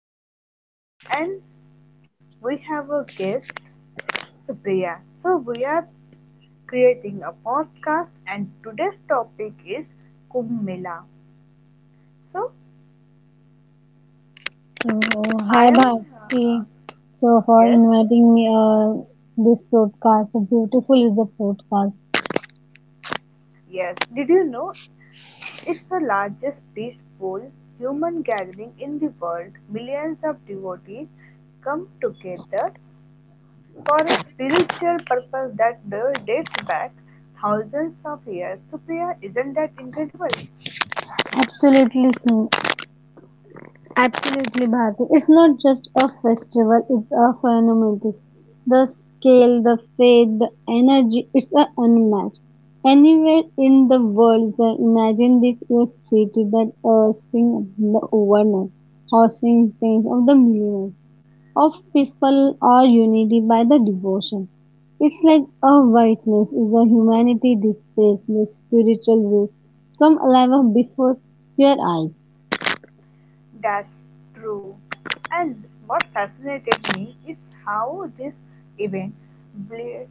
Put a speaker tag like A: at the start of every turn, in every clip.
A: Your host, and we have a guest, Supriya. So we are creating a podcast, and today's topic is Kumbh Mela. So
B: Oh,
A: I
B: hi
A: am,
B: Bharti.
A: uh,
B: So for
A: yes,
B: inviting me this podcast. So beautiful is the podcast.
A: yes. Did you know it's the largest peaceful human gathering in the world? Millions of devotees come together for a spiritual purpose that dates back thousands of years. Supriya, isn't that incredible?
B: Absolutely, Sin- Absolutely Bharti. It's not just a festival. It's a phenomenon. The scale, the faith, the energy. It's a unmatched. Anywhere in the world, the, imagine this your city that spring of the overnight, hosting things of the millionaires. Of people are united by the devotion. It's like a whiteness is a humanity displays the spiritual will come alive before your eyes.
A: That's true. And what fascinated me is how this event bl-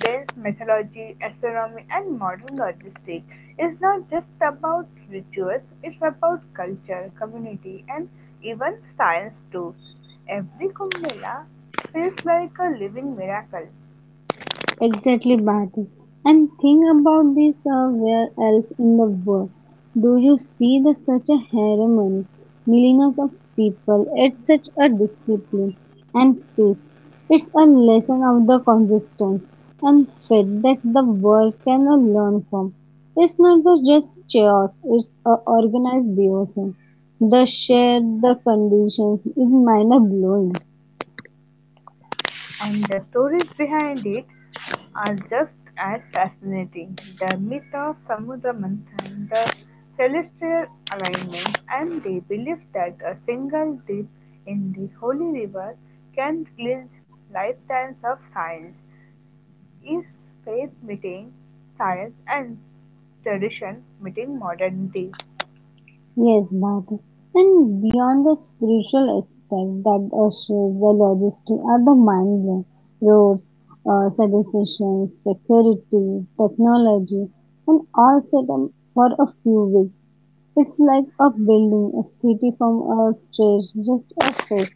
A: blends mythology, astronomy, and modern logistics. It's not just about rituals, it's about culture, community, and even science too. Every Kumbh Mela feels like a living miracle,
B: Exactly, Bharti. And think about this where else in the world do you see the such a harmony, millions of people at such a discipline and space? It's a lesson of the consistency and faith that the world can learn from. It's not the just chaos, it's a organized devotion. The shared the conditions is mind blowing.
A: and the stories behind it are just as fascinating. The myth of Samudra Manthan, the celestial alignments, and the belief that a single dip in the holy river can cleanse lifetimes of science is faith meeting science and tradition meeting modernity.
B: Yes, Bharti. And beyond the spiritual aspect that assures the logistics are the mind blowing roads, sanitation, security, technology, and all set up for a few weeks. It's like a building a city from a stretch, just a stretch.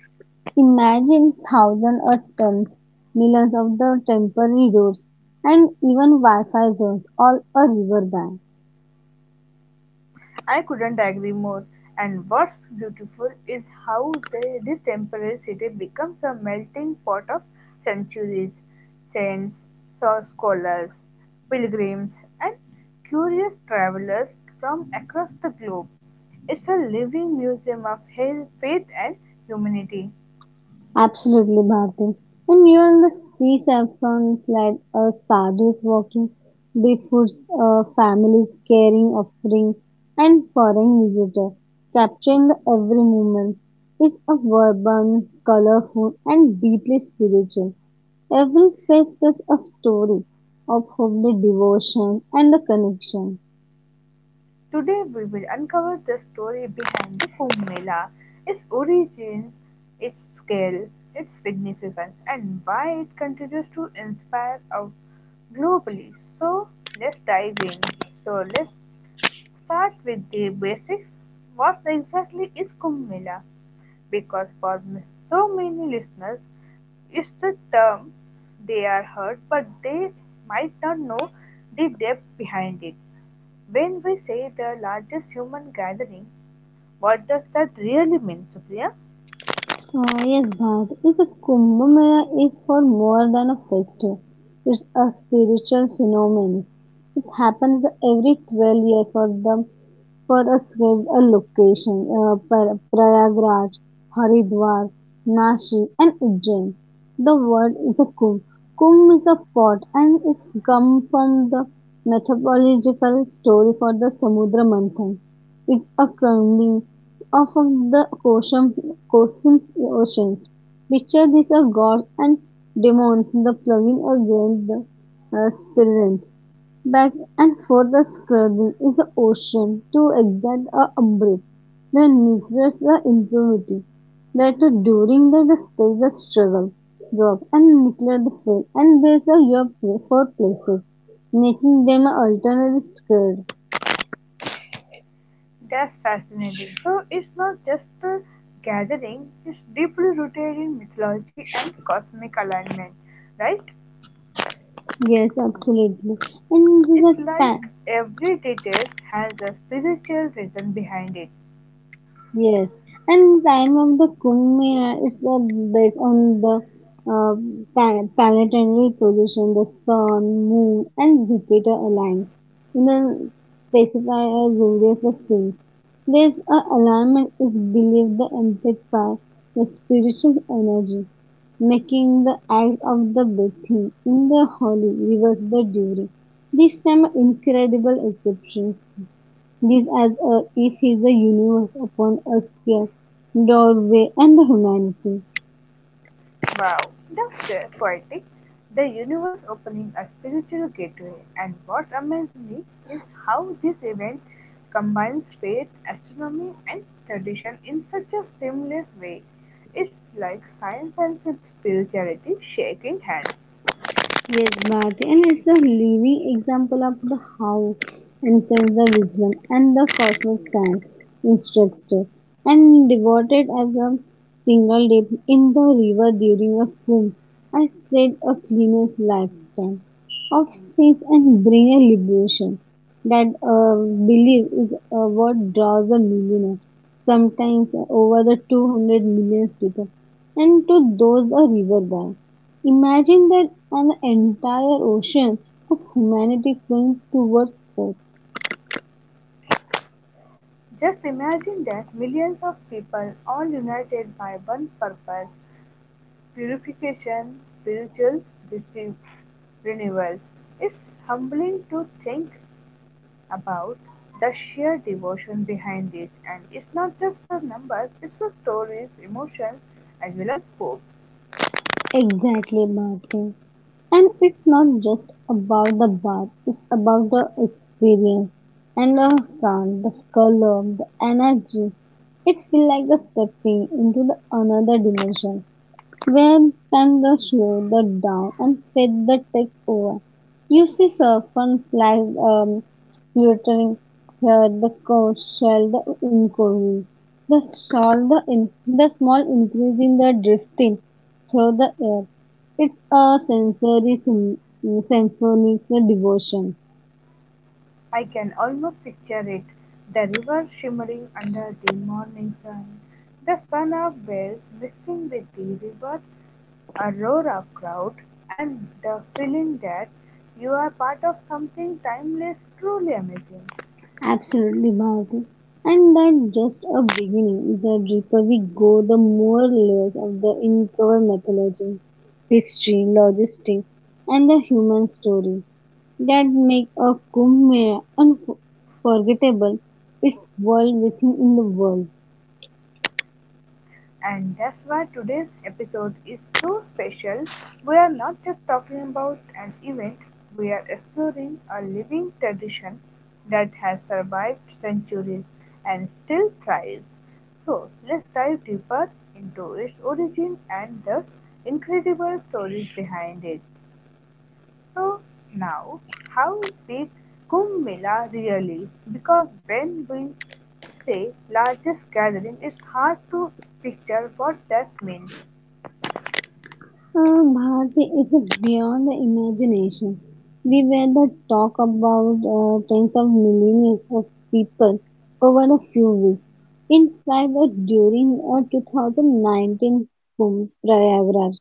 B: Imagine thousand or ten millions of the temporary roads and even Wi-Fi zones all a riverbank.
A: I couldn't agree more. And what's beautiful is how this temporary city becomes a melting pot of centuries, saints, scholars, pilgrims, and curious travelers from across the globe. It's a living museum of faith and humanity.
B: Absolutely, Bharti. And even the sea saffron slide, sadhus walking, bigfoots, families carrying offering, and foreign visitor, capturing the every moment, is a vibrant, colorful, and deeply spiritual. Every face tells a story of hope, the devotion, and the connection.
A: Today, we will uncover the story behind the Kumbh Mela, its origins, its scale, its significance, and why it continues to inspire our globally. So let's dive in. So let's start with the basics. What exactly is Kumbh Mela? Because for so many listeners, it's a term they are heard, but they might not know the depth behind it. When we say the largest human gathering, what does that really mean, Supriya?
B: Yes, Bharat. Is a Kumbh Mela is for more than a festival. It's a spiritual phenomenon. It happens every 12 years for a, a location, Prayagraj, Haridwar, Nashik, and Ujjain. The word is a Kumbh. Kumbh is a pot, and it's come from the mythological story for the Samudra Manthan. It's a cleansing of the Cosmic Oceans. Picture this a gods and demons in the plugging against the spirits. Back and forth the scrubbing is the ocean to exact a umbrage. The nucleus the impurity. That during the space the struggle drop and nuclear the fail and there's a your play for places making them an alternate square.
A: That's fascinating. So it's not just a gathering, it's deeply rooted in mythology and cosmic alignment, right?
B: Yes, absolutely. And this is
A: It's
B: ta-
A: like every detail has a spiritual reason behind it.
B: Yes, and time of the Kumbh Mela, it's based on the uh, planetary position, the Sun, Moon, and Jupiter align in a specified radius of swing. This alignment is believed to amplify the spiritual energy, making the act of the bathing in the holy rivers the duty. These time are incredible exceptions this as each it is the universe upon us sphere, doorway and the humanity.
A: Wow, that's good, poetic. The universe opening a spiritual gateway, and what amazes me is how this event combines faith, astronomy, and tradition in such a seamless way. It's like science and spirituality shaking hands.
B: Yes, Bharti, and it's a living example of the how ancient the wisdom and the cosmic sand instructor and devoted as a single dip in the river during a kumbh. I said a cleanest lifetime of sins and bring a liberation. That Belief is what draws a millionaire, sometimes over the 200 million people, and to those a river bank. Imagine that an entire ocean of humanity swings towards death.
A: Just imagine that millions of people all united by one purpose, purification, spiritual rece- renewal. It's humbling to think about the sheer devotion behind it, and it's not just the numbers, it's the stories, emotions, as well as hope.
B: Exactly, Bharti. And it's not just about the bath, it's about the experience and the sound, the color, the energy. It feels like a stepping into the another dimension. Where can the slow that down and set the tech over? You see often flag fluttering here, the code shell, the inquiry, the small, the small increase in the drifting through the air. It's a sensory symphony symphonic devotion.
A: I can almost picture it, the river shimmering under the morning sun, the sun of bells mixing with the river, a roar of crowd, and the feeling that you are part of something timeless, truly amazing.
B: Absolutely, Bharti. And that's just a beginning. The deeper we go, the more layers of the uncovered mythology, history, logistics, and the human story that make a Kumbh Mela unforgettable. It's world within in the world.
A: And that's why today's episode is so special. We are not just talking about an event, we are exploring a living tradition that has survived centuries and still thrives. So let's dive deeper into its origin and the incredible stories behind it. So, now, how big Kumbh Mela really? Because when we say largest gathering, it's hard to picture what that means.
B: Bharti is beyond the imagination. We were the talk about tens of millions of people over a few weeks. In fact, during 2019 Kumbh Prayagraj,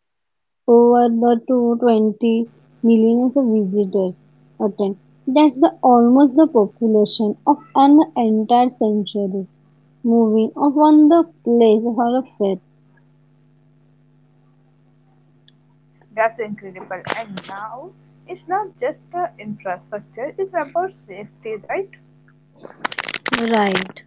B: over the 220 millions of visitors attend. That's the almost the population of an entire century. Moving of on the place for a
A: That's incredible. And now it's not just the infrastructure, it's about safety, right?
B: fair. Right.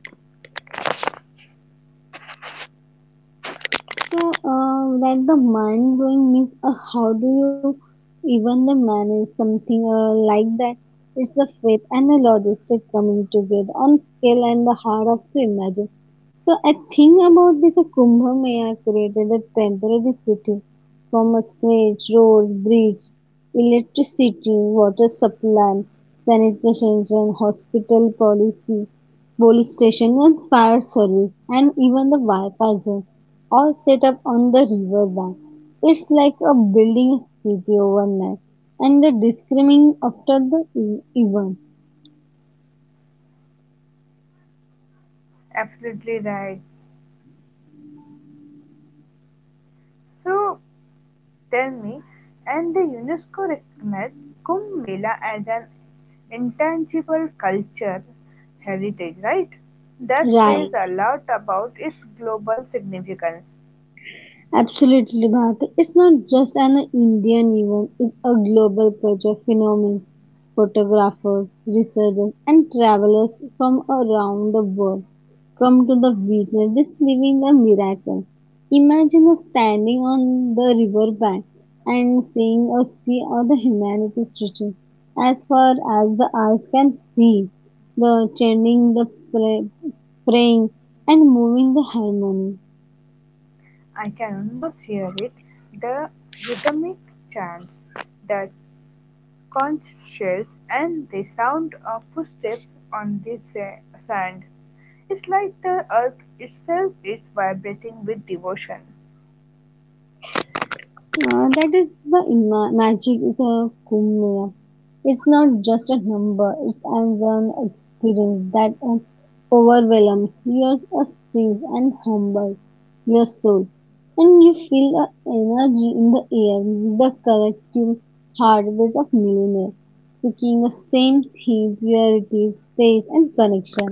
B: So, like the mind blowing means how do you even the manage something like that? It's the faith and the logistic coming together on scale and the heart of the imagine. So I think about this Kumbh Mela created a temporary city from a scratch, road, bridge, electricity, water supply, sanitation, and hospital policy, police station and fire service and even the Wi-Fi zone all set up on the riverbank. It's like a building a city overnight and the discriminating after the event.
A: Absolutely right. So tell me, and the UNESCO recognized Kumbh Mela as an intangible culture heritage, right? That says
B: Right.
A: a lot about its global significance.
B: Absolutely, Bharti. It's not just an Indian event, it's a global project phenomenon. Photographers, researchers, and travelers from around the world come to the witness this living a miracle. Imagine us standing on the riverbank and seeing a sea of the humanity stretching as far as the eyes can see, the chanting, the pray, praying, and moving the harmony.
A: I can almost hear it, the rhythmic chants, the Conch shells, and the sound of footsteps on the sand. It's like the earth itself is vibrating with devotion.
B: That is the magic is a Kumbh Mela. It's not just a number, it's an experience that overwhelms your sense and humbles your soul. And you feel the energy in the air, the collective heartbeats of millionaires, seeking the same theme, purity, space, and connection.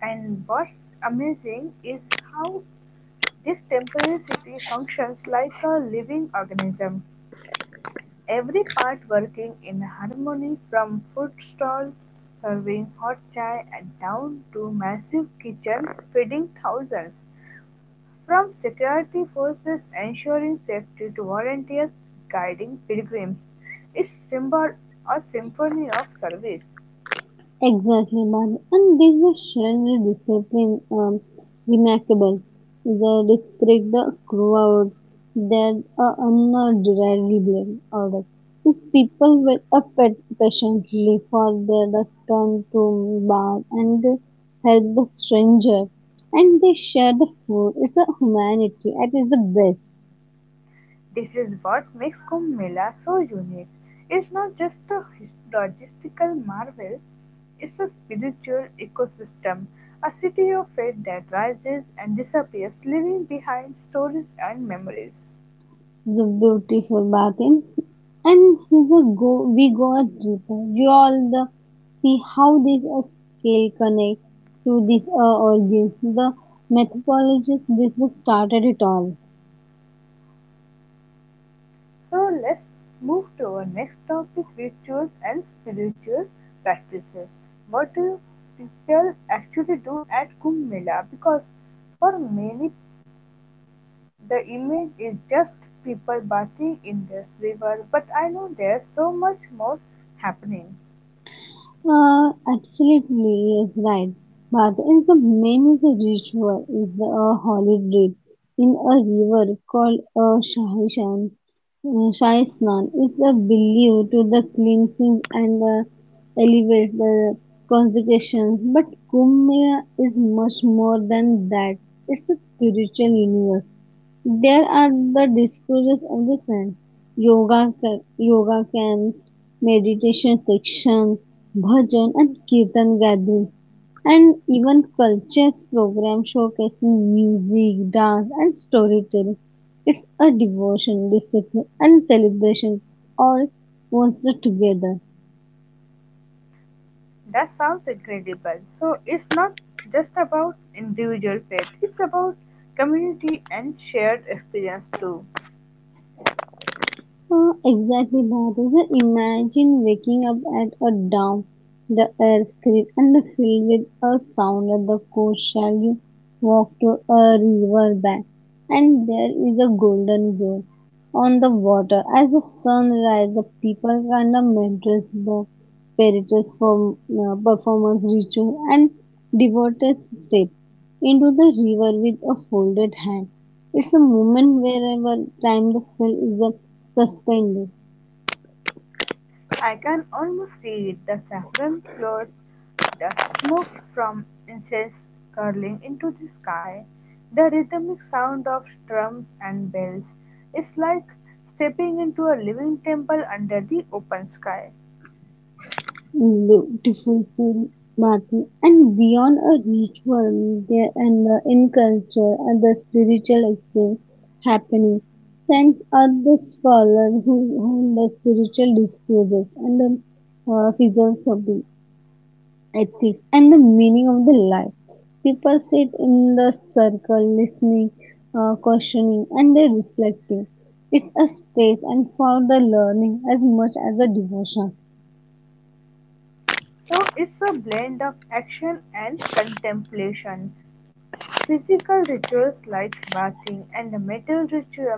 A: And what's amazing is how this temporary city functions like a living organism, every part working in harmony from food stalls serving hot chai and down to massive kitchens feeding thousands. From security forces ensuring safety to volunteers guiding pilgrims, its symbol a symphony of service.
B: Exactly, but and this is general discipline remarkable. The respect the crowd that are undeniably orders. These people wait up patiently for their turn to bar and they help the stranger and they share the food. It's a humanity at its best.
A: This is what makes Kumbh Mela so unique. It's not just a logistical marvel, it's a spiritual ecosystem, a city of faith that rises and disappears, leaving behind stories and memories.
B: It's a beautiful bathing. And he's a go we go a deeper. You all the see how this scale connect to this organs. The methodologist this was started it all.
A: So let's move to our next topic, rituals and spiritual practices. What do people actually do at Kumbh Mela? Because for many, the image is just people bathing in the river, but I know there's so much more happening.
B: Absolutely, it's right. But in some many the ritual is the a holy drip in a river called a Shahi Shan. Shahi Snan is a belief to the cleansing and elevates the consecrations. But Kumbh Mela is much more than that. It's a spiritual universe there are the discourses of the saints, yoga, yoga camps, meditation sections, bhajan and kirtan gatherings, and even culture programs showcasing music, dance, and storytelling. It's a devotion, discipline, and celebrations all monster together.
A: That sounds incredible. So it's not just about individual faith, it's about community and shared experience too.
B: Exactly, Bharat. So imagine waking up at a dawn, the air crisp and filled with a sound at the coast shall you walk to a river bank, and there is a golden glow on the water. As the sun rises, the people kind of mentors the spiritus for performance ritual and devotees step into the river with a folded hand. It's a moment wherever time the fill is the suspended
A: I can almost see it, the saffron clothes, the smoke from incense curling into the sky, the rhythmic sound of drums and bells is like stepping into a living temple under the open sky.
B: in beautiful silk battle and beyond a ritual there and the in culture and the spiritual exchange happening. Saints are the scholars who hold the spiritual discourses and the philosophy, ethics, and the meaning of the life. People sit in the circle, listening, questioning, and they reflecting. It's a space and for the learning as much as the devotion.
A: So it's a blend of action and contemplation. Physical rituals like bathing and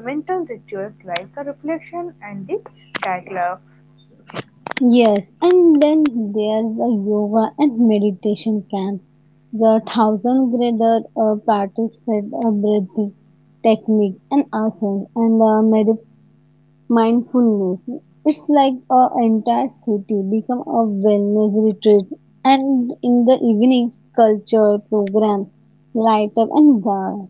A: mental rituals like a reflection and the dialogue.
B: Yes, and then there's a yoga and meditation camp. The thousand grader participated a breathing technique and asanas and mindfulness. It's like a entire city become a wellness retreat. And in the evenings, culture programs, light up and bar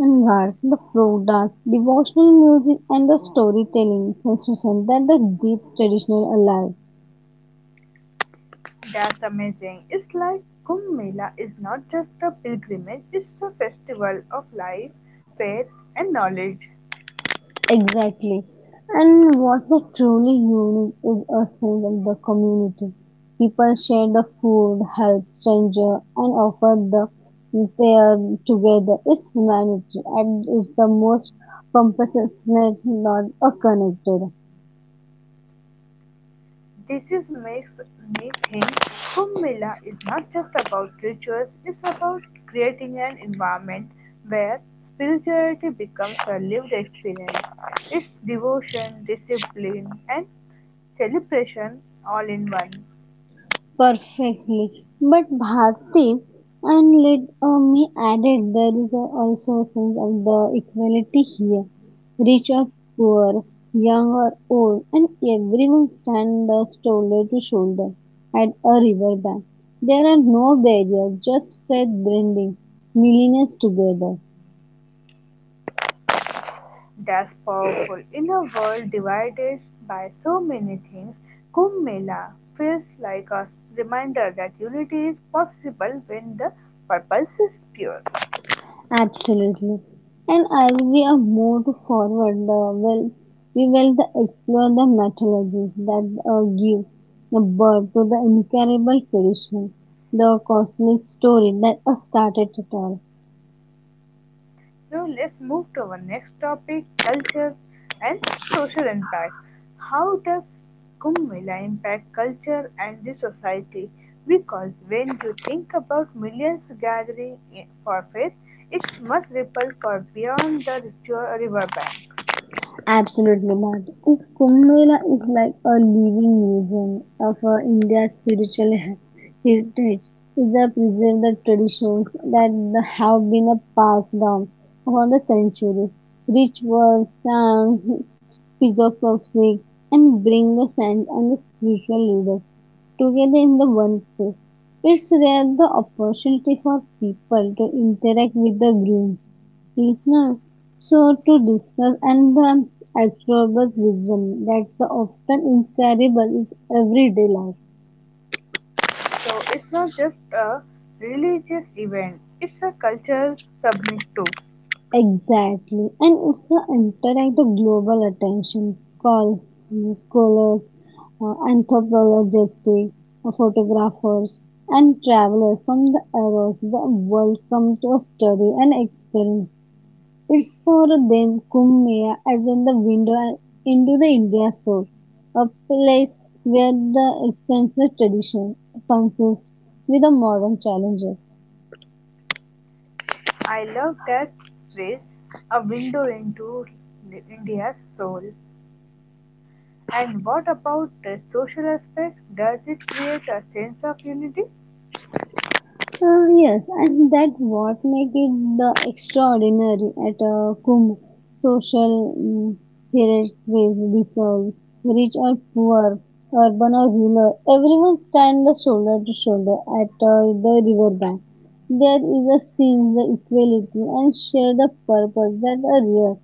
B: and bars, the folk dance, devotional music, and the storytelling sensation that the deep traditional alive.
A: That's amazing. It's like Kumbh Mela is not just a pilgrimage, it's a festival of life, faith, and knowledge.
B: Exactly. And what's truly unique is a sense of the community. People share the food, help stranger, and offer the pair together. It's humanity, and it's the most compassionate, not a connected.
A: This is makes me think Kumbh Mela is not just about rituals, it's about creating an environment where spirituality becomes a lived experience. It's devotion, discipline, and celebration all in one.
B: Perfectly. But Bharti, and let me add it, there is also a sense of the equality here. Rich or poor, young or old, and everyone stand shoulder to shoulder at a riverbank. There are no barriers, just faith blending, millionaires together.
A: Thus powerful in a world divided by so many things, Kumbh Mela feels like a reminder that unity is possible when the purpose is pure.
B: Absolutely. And as we are moved forward, we will explore the methodologies that give the birth to the incredible tradition, the cosmic story that started it all.
A: So let's move to our next topic, culture and social impact. How does Kumbh Mela impact culture and the society? Because when you think about millions gathering for faith, it must ripple far beyond the ritual riverbank.
B: Absolutely, Nimad. Is Kumbh Mela is like a living museum of India's spiritual heritage. It's a preserve the traditions that have been passed down over the centuries, rituals, songs, philosophies, and bring the sense and the spiritual leaders together in the one place. It's rare the opportunity for people to interact with the groom's listener. So to discuss and the absorbers wisdom that's the often inscribable is everyday life.
A: So it's not just a religious event, it's a cultural summit too.
B: Exactly. And it's the interact the global attention call scholars, anthropologists, photographers, and travelers from the across the world come to study and experience. It's for them Kumbh Mela as on the window into the India soul, a place where the ancient tradition functions with the modern challenges.
A: I love that phrase, a window into India's soul. And what about the social aspect? Does it create a sense of unity?
B: Yes, and that what make it the extraordinary at a Kumbh social hierarchies dissolve, rich or poor, urban or rural, everyone stand shoulder to shoulder at the riverbank. There is a sense the equality and share the purpose that are rare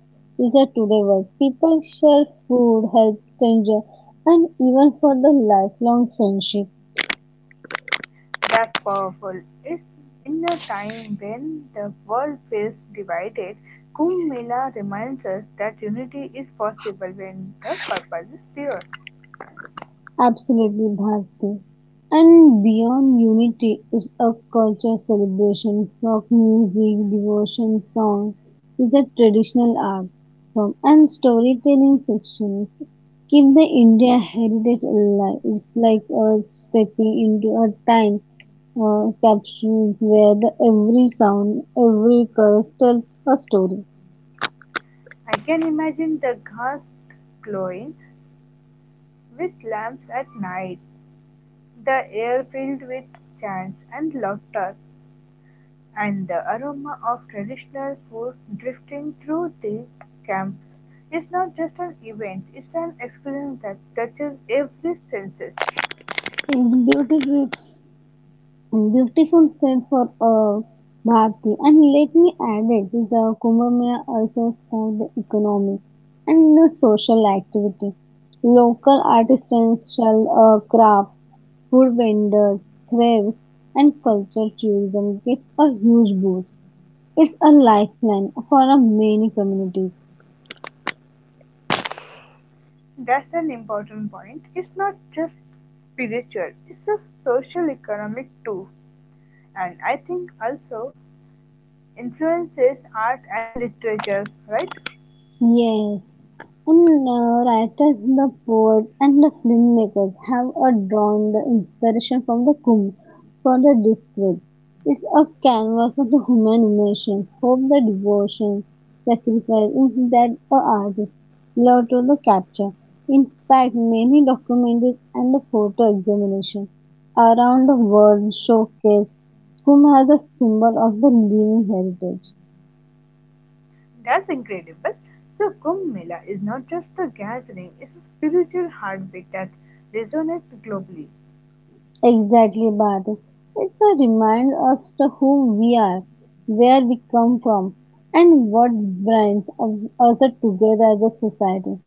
B: is a today world. People share food, help stranger, and even for the lifelong friendship.
A: That's powerful. It's in a time when the world feels divided, Kumbh Mela reminds us that unity is possible when the purpose is pure.
B: Absolutely, Bharti. And beyond unity is a culture celebration. Folk music, devotion song is a traditional art form and storytelling section keep the India heritage alive. It's like us stepping into a time capsule where every sound, every curse tells a story.
A: I can imagine the ghats glowing with lamps at night, the air filled with chants and laughter, and the aroma of traditional food drifting through the camp is not just an event, it's an experience that touches every senses.
B: It's beautiful and beautiful said for Bharti. And let me add it, this Kumbh Mela also sparked the economy and the social activity. Local artisans shall craft, food vendors, crafts, and culture tourism gets a huge boost. It's a lifeline for many communities.
A: That's an important point. It's not just spiritual, it's a social economic too. And I think also influences art and literature, right?
B: Yes, and writers, the poet, and the filmmakers have drawn the inspiration from the Kumbh for the descript. It's a canvas for the human emotions, hope, the devotion, sacrifice is that the artist love to the capture. In fact, many documentaries and the photo examination around the world showcase Kumbh as a symbol of the living heritage.
A: That's incredible. So Kumbh Mela is not just a gathering, it's a spiritual heartbeat that resonates globally.
B: Exactly, Bharat. It's a reminder us to who we are, where we come from, and what us together as a society.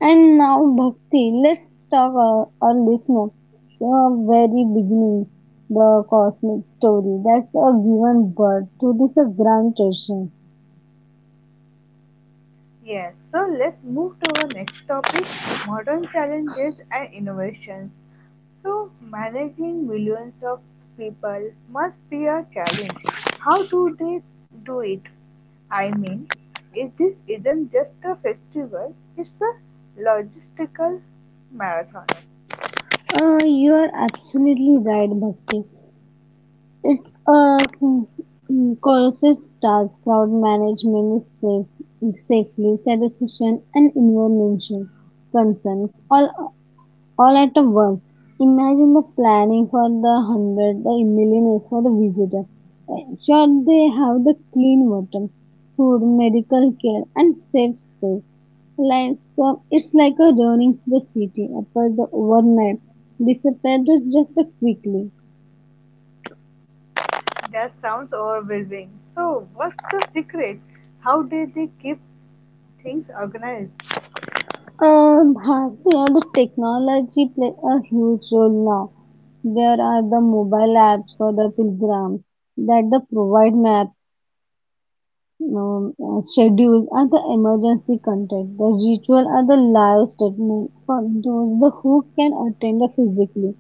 B: And now, Bhakti, let's talk our listener the very beginnings, the cosmic story. That's a given birth to this grand tradition.
A: Yes, so let's move to our next topic, modern challenges and innovations. So managing millions of people must be a challenge. How do they do it? I mean, is this isn't just a festival, it's a logistical marathon.
B: You are absolutely right, Bhakti. It's a conscious task, crowd management is safe, safely, sanitation and environmental concern, all at once. Imagine the planning for the hundred, the millionaires for the visitor. Ensure they have the clean water, food, medical care, and safe space. Like it's like a running the city, up as the overnight disappears just quickly.
A: That sounds overwhelming. So, what's the secret? How did they keep things organized?
B: You know, the technology play a huge role now. There are the mobile apps for the pilgrims that the provide map, schedules, and the emergency contact. The ritual are the live statement for those the who can attend the physically.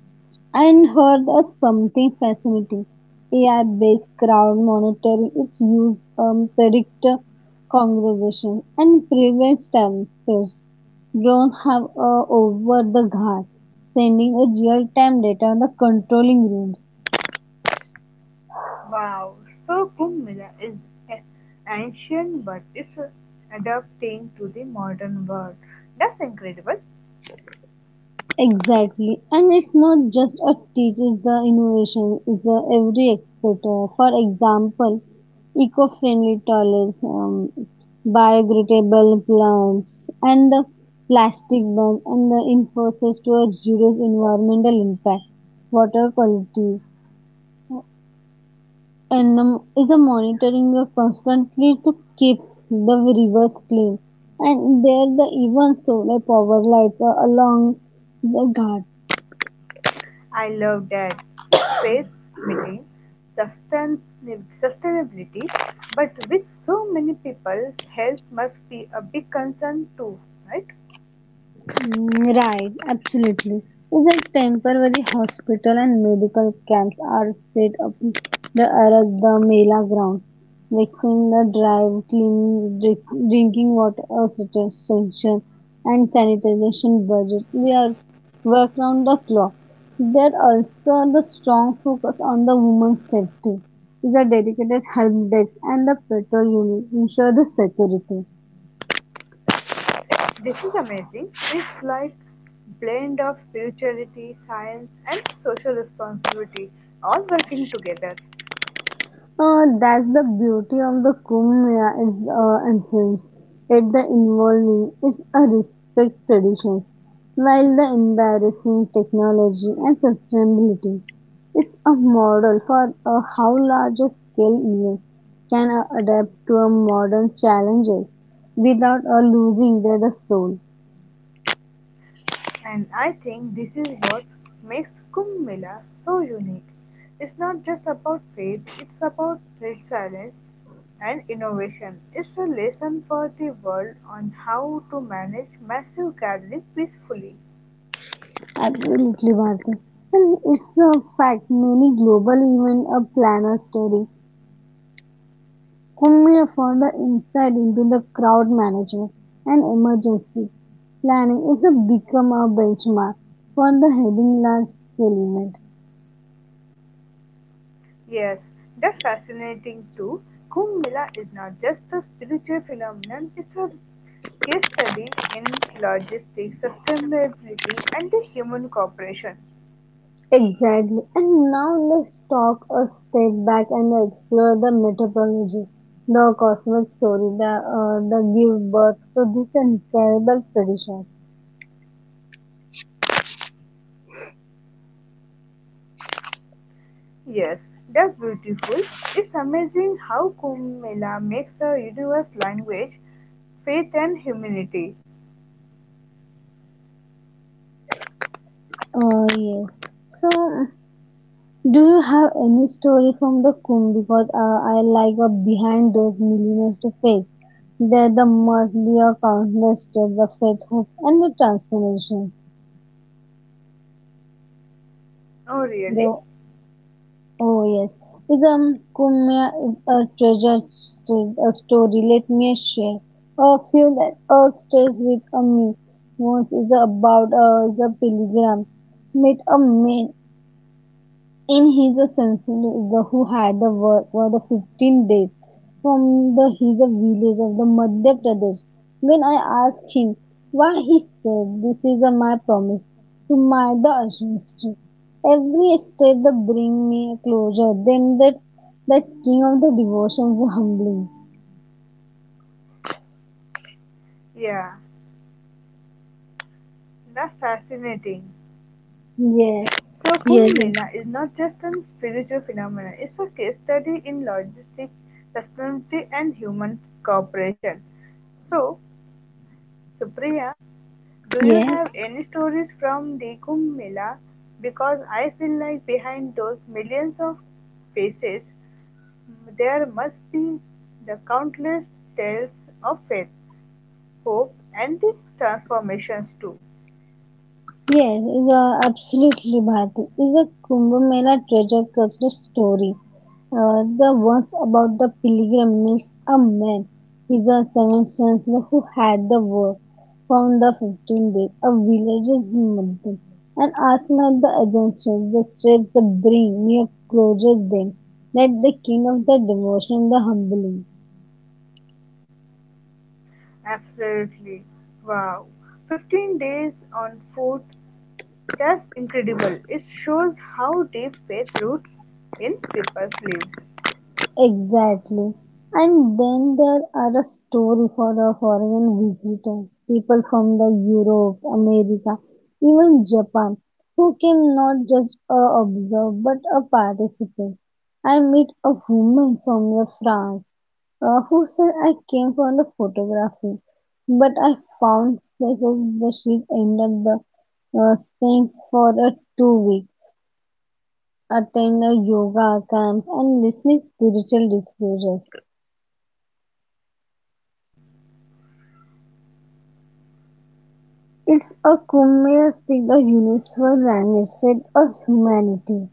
B: And heard here's something fascinating: AI-based crowd monitoring its use predicts congregations and prevent tempers. Drones have over the guard, sending a real-time data on the controlling rooms.
A: Wow. So, Kumbh Mela is a- ancient but it's adapting to the modern world. That's incredible.
B: Exactly, and it's not just a teaches the innovation; it's a every expert. For example, eco-friendly toilets, biodegradable plants, and the plastic ban, and the enforces towards reduce environmental impact, water qualities, and is a monitoring constantly to keep the rivers clean. And there, the even solar power lights are along the guards.
A: I love that. It's space meeting sustain- sustainability, but with so many people, health must be a big concern too, right?
B: Mm, right, absolutely. Is that temporary hospital and medical camps are set up the areas the Mela ground, fixing the drive, drinking water, sanitation and sanitization budget. We are work round the clock. There also the strong focus on the women's safety. Is a dedicated help desk and the patrol unit ensure the security.
A: This is amazing, it's like blend of spirituality, science and social responsibility all working together.
B: That's the beauty of the Kumbh Mela is essence. It the involving is a respect traditions, while the embarrassing technology and sustainability. It's a model for how larger scale events can adapt to a modern challenges without losing their the soul.
A: And I think this is what makes Kumbh Mela so unique. It's not just about faith, it's about resilience and innovation. It's a lesson for the world on how to manage massive gatherings peacefully.
B: Absolutely, Bharti. And it's a fact many global event planners study Cummings further insight into the crowd management and emergency planning is a become a benchmark for the heading large scale.
A: Yes, that's fascinating too. Kumbh Mela is not just a spiritual phenomenon, it's a case study in logistics, sustainability, and the human cooperation.
B: Exactly. And now let's talk a step back and explore the metapology, the cosmic story that give birth to these incredible traditions.
A: Yes, that's beautiful. It's amazing how Kumbh Mela makes a universe language, faith, and humanity.
B: Yes. So, do you have any story from the Kumbh? Because I like a behind those millionaires to face. There the must be a countless step, the faith, hope, and the transformation.
A: Oh, really?
B: The, oh yes, is Kumya is a treasure a story. Let me share a few that stays with a me. Once is about is a pilgrim meet a man in his census the who had the work for the 15 days from the his village of the Madhya Pradesh. When I asked him why, he said, "This is my promise to my the ancestry. Every step that bring me closer than that that king of the devotions humbling."
A: Yeah, that's fascinating.
B: Yes,
A: So,
B: yes,
A: Kumbh Mela is not just a spiritual phenomenon, it's a case study in logistics, sustainability, and human cooperation. So, Supriya, do you
B: yes.
A: have any stories from the Kumbh Mela? Because I feel like behind those millions of faces, there must be the countless tales of faith, hope, and the transformations too.
B: Yes, is a absolutely, Bharti. Is a Kumbh Mela treasure culture story. The ones about the pilgrim meets a man. He's a seventh chancellor who had the work from the 15th days of villages in Madhya and asked at the agencies, the streets, the bring near closure then that the king of the devotion, the humbling.
A: Absolutely. Wow. 15 days on foot. That's incredible. It shows how deep faith roots in people's lives.
B: Exactly. And then there are a story for the foreign visitors, people from the Europe, America, even Japan, who came not just a observer but a participant. I met a woman from the France who said I came for the photography, but I found places where she ended up staying for a 2 week, attend a yoga camps and listening spiritual discourses. It's a Kumeyaay speak the universal language with a humanity,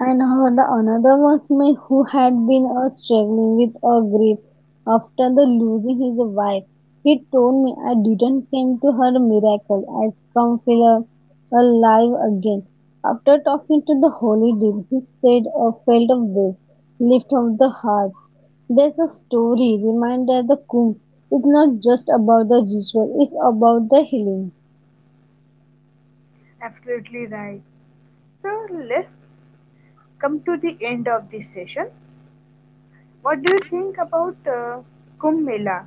B: and her, the another was me who had been struggling with a grief after the losing his wife. He told me I didn't came to her miracle. I come feel alive again. After talking to the holy deal, he said a felt of weight, lift of the hearts. There's a story reminder the Kumbh is not just about the ritual, it's about the healing.
A: Absolutely right. So let's come to the end of this session. What do you think about Kumbh Mela?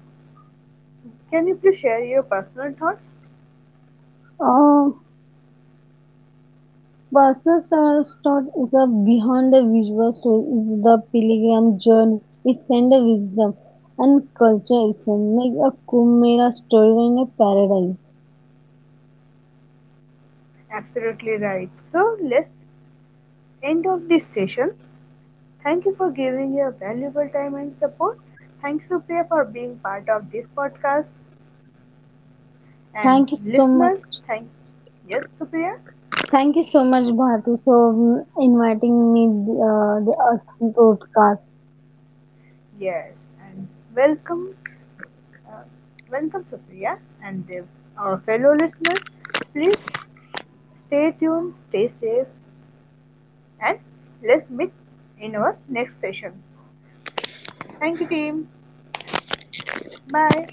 A: Can you please share your personal thoughts?
B: Uh, Personal start is a behind the visual story is the pilgrim journey is send the wisdom and culture exchange make a Kumera storyline a paradise.
A: Absolutely right. So let's end of this session. Thank you for giving your valuable time and support. Thanks Supriya for being part of this podcast. And
B: Thank you so
A: listeners,
B: much.
A: thank yes Supriya.
B: Thank you so much, Bharti, for inviting me the Aspen podcast.
A: Yes. And welcome. Uh, Welcome, Supriya, and our fellow listeners. Please stay tuned, stay safe, and let's meet in our next session. Thank you, team. Bye.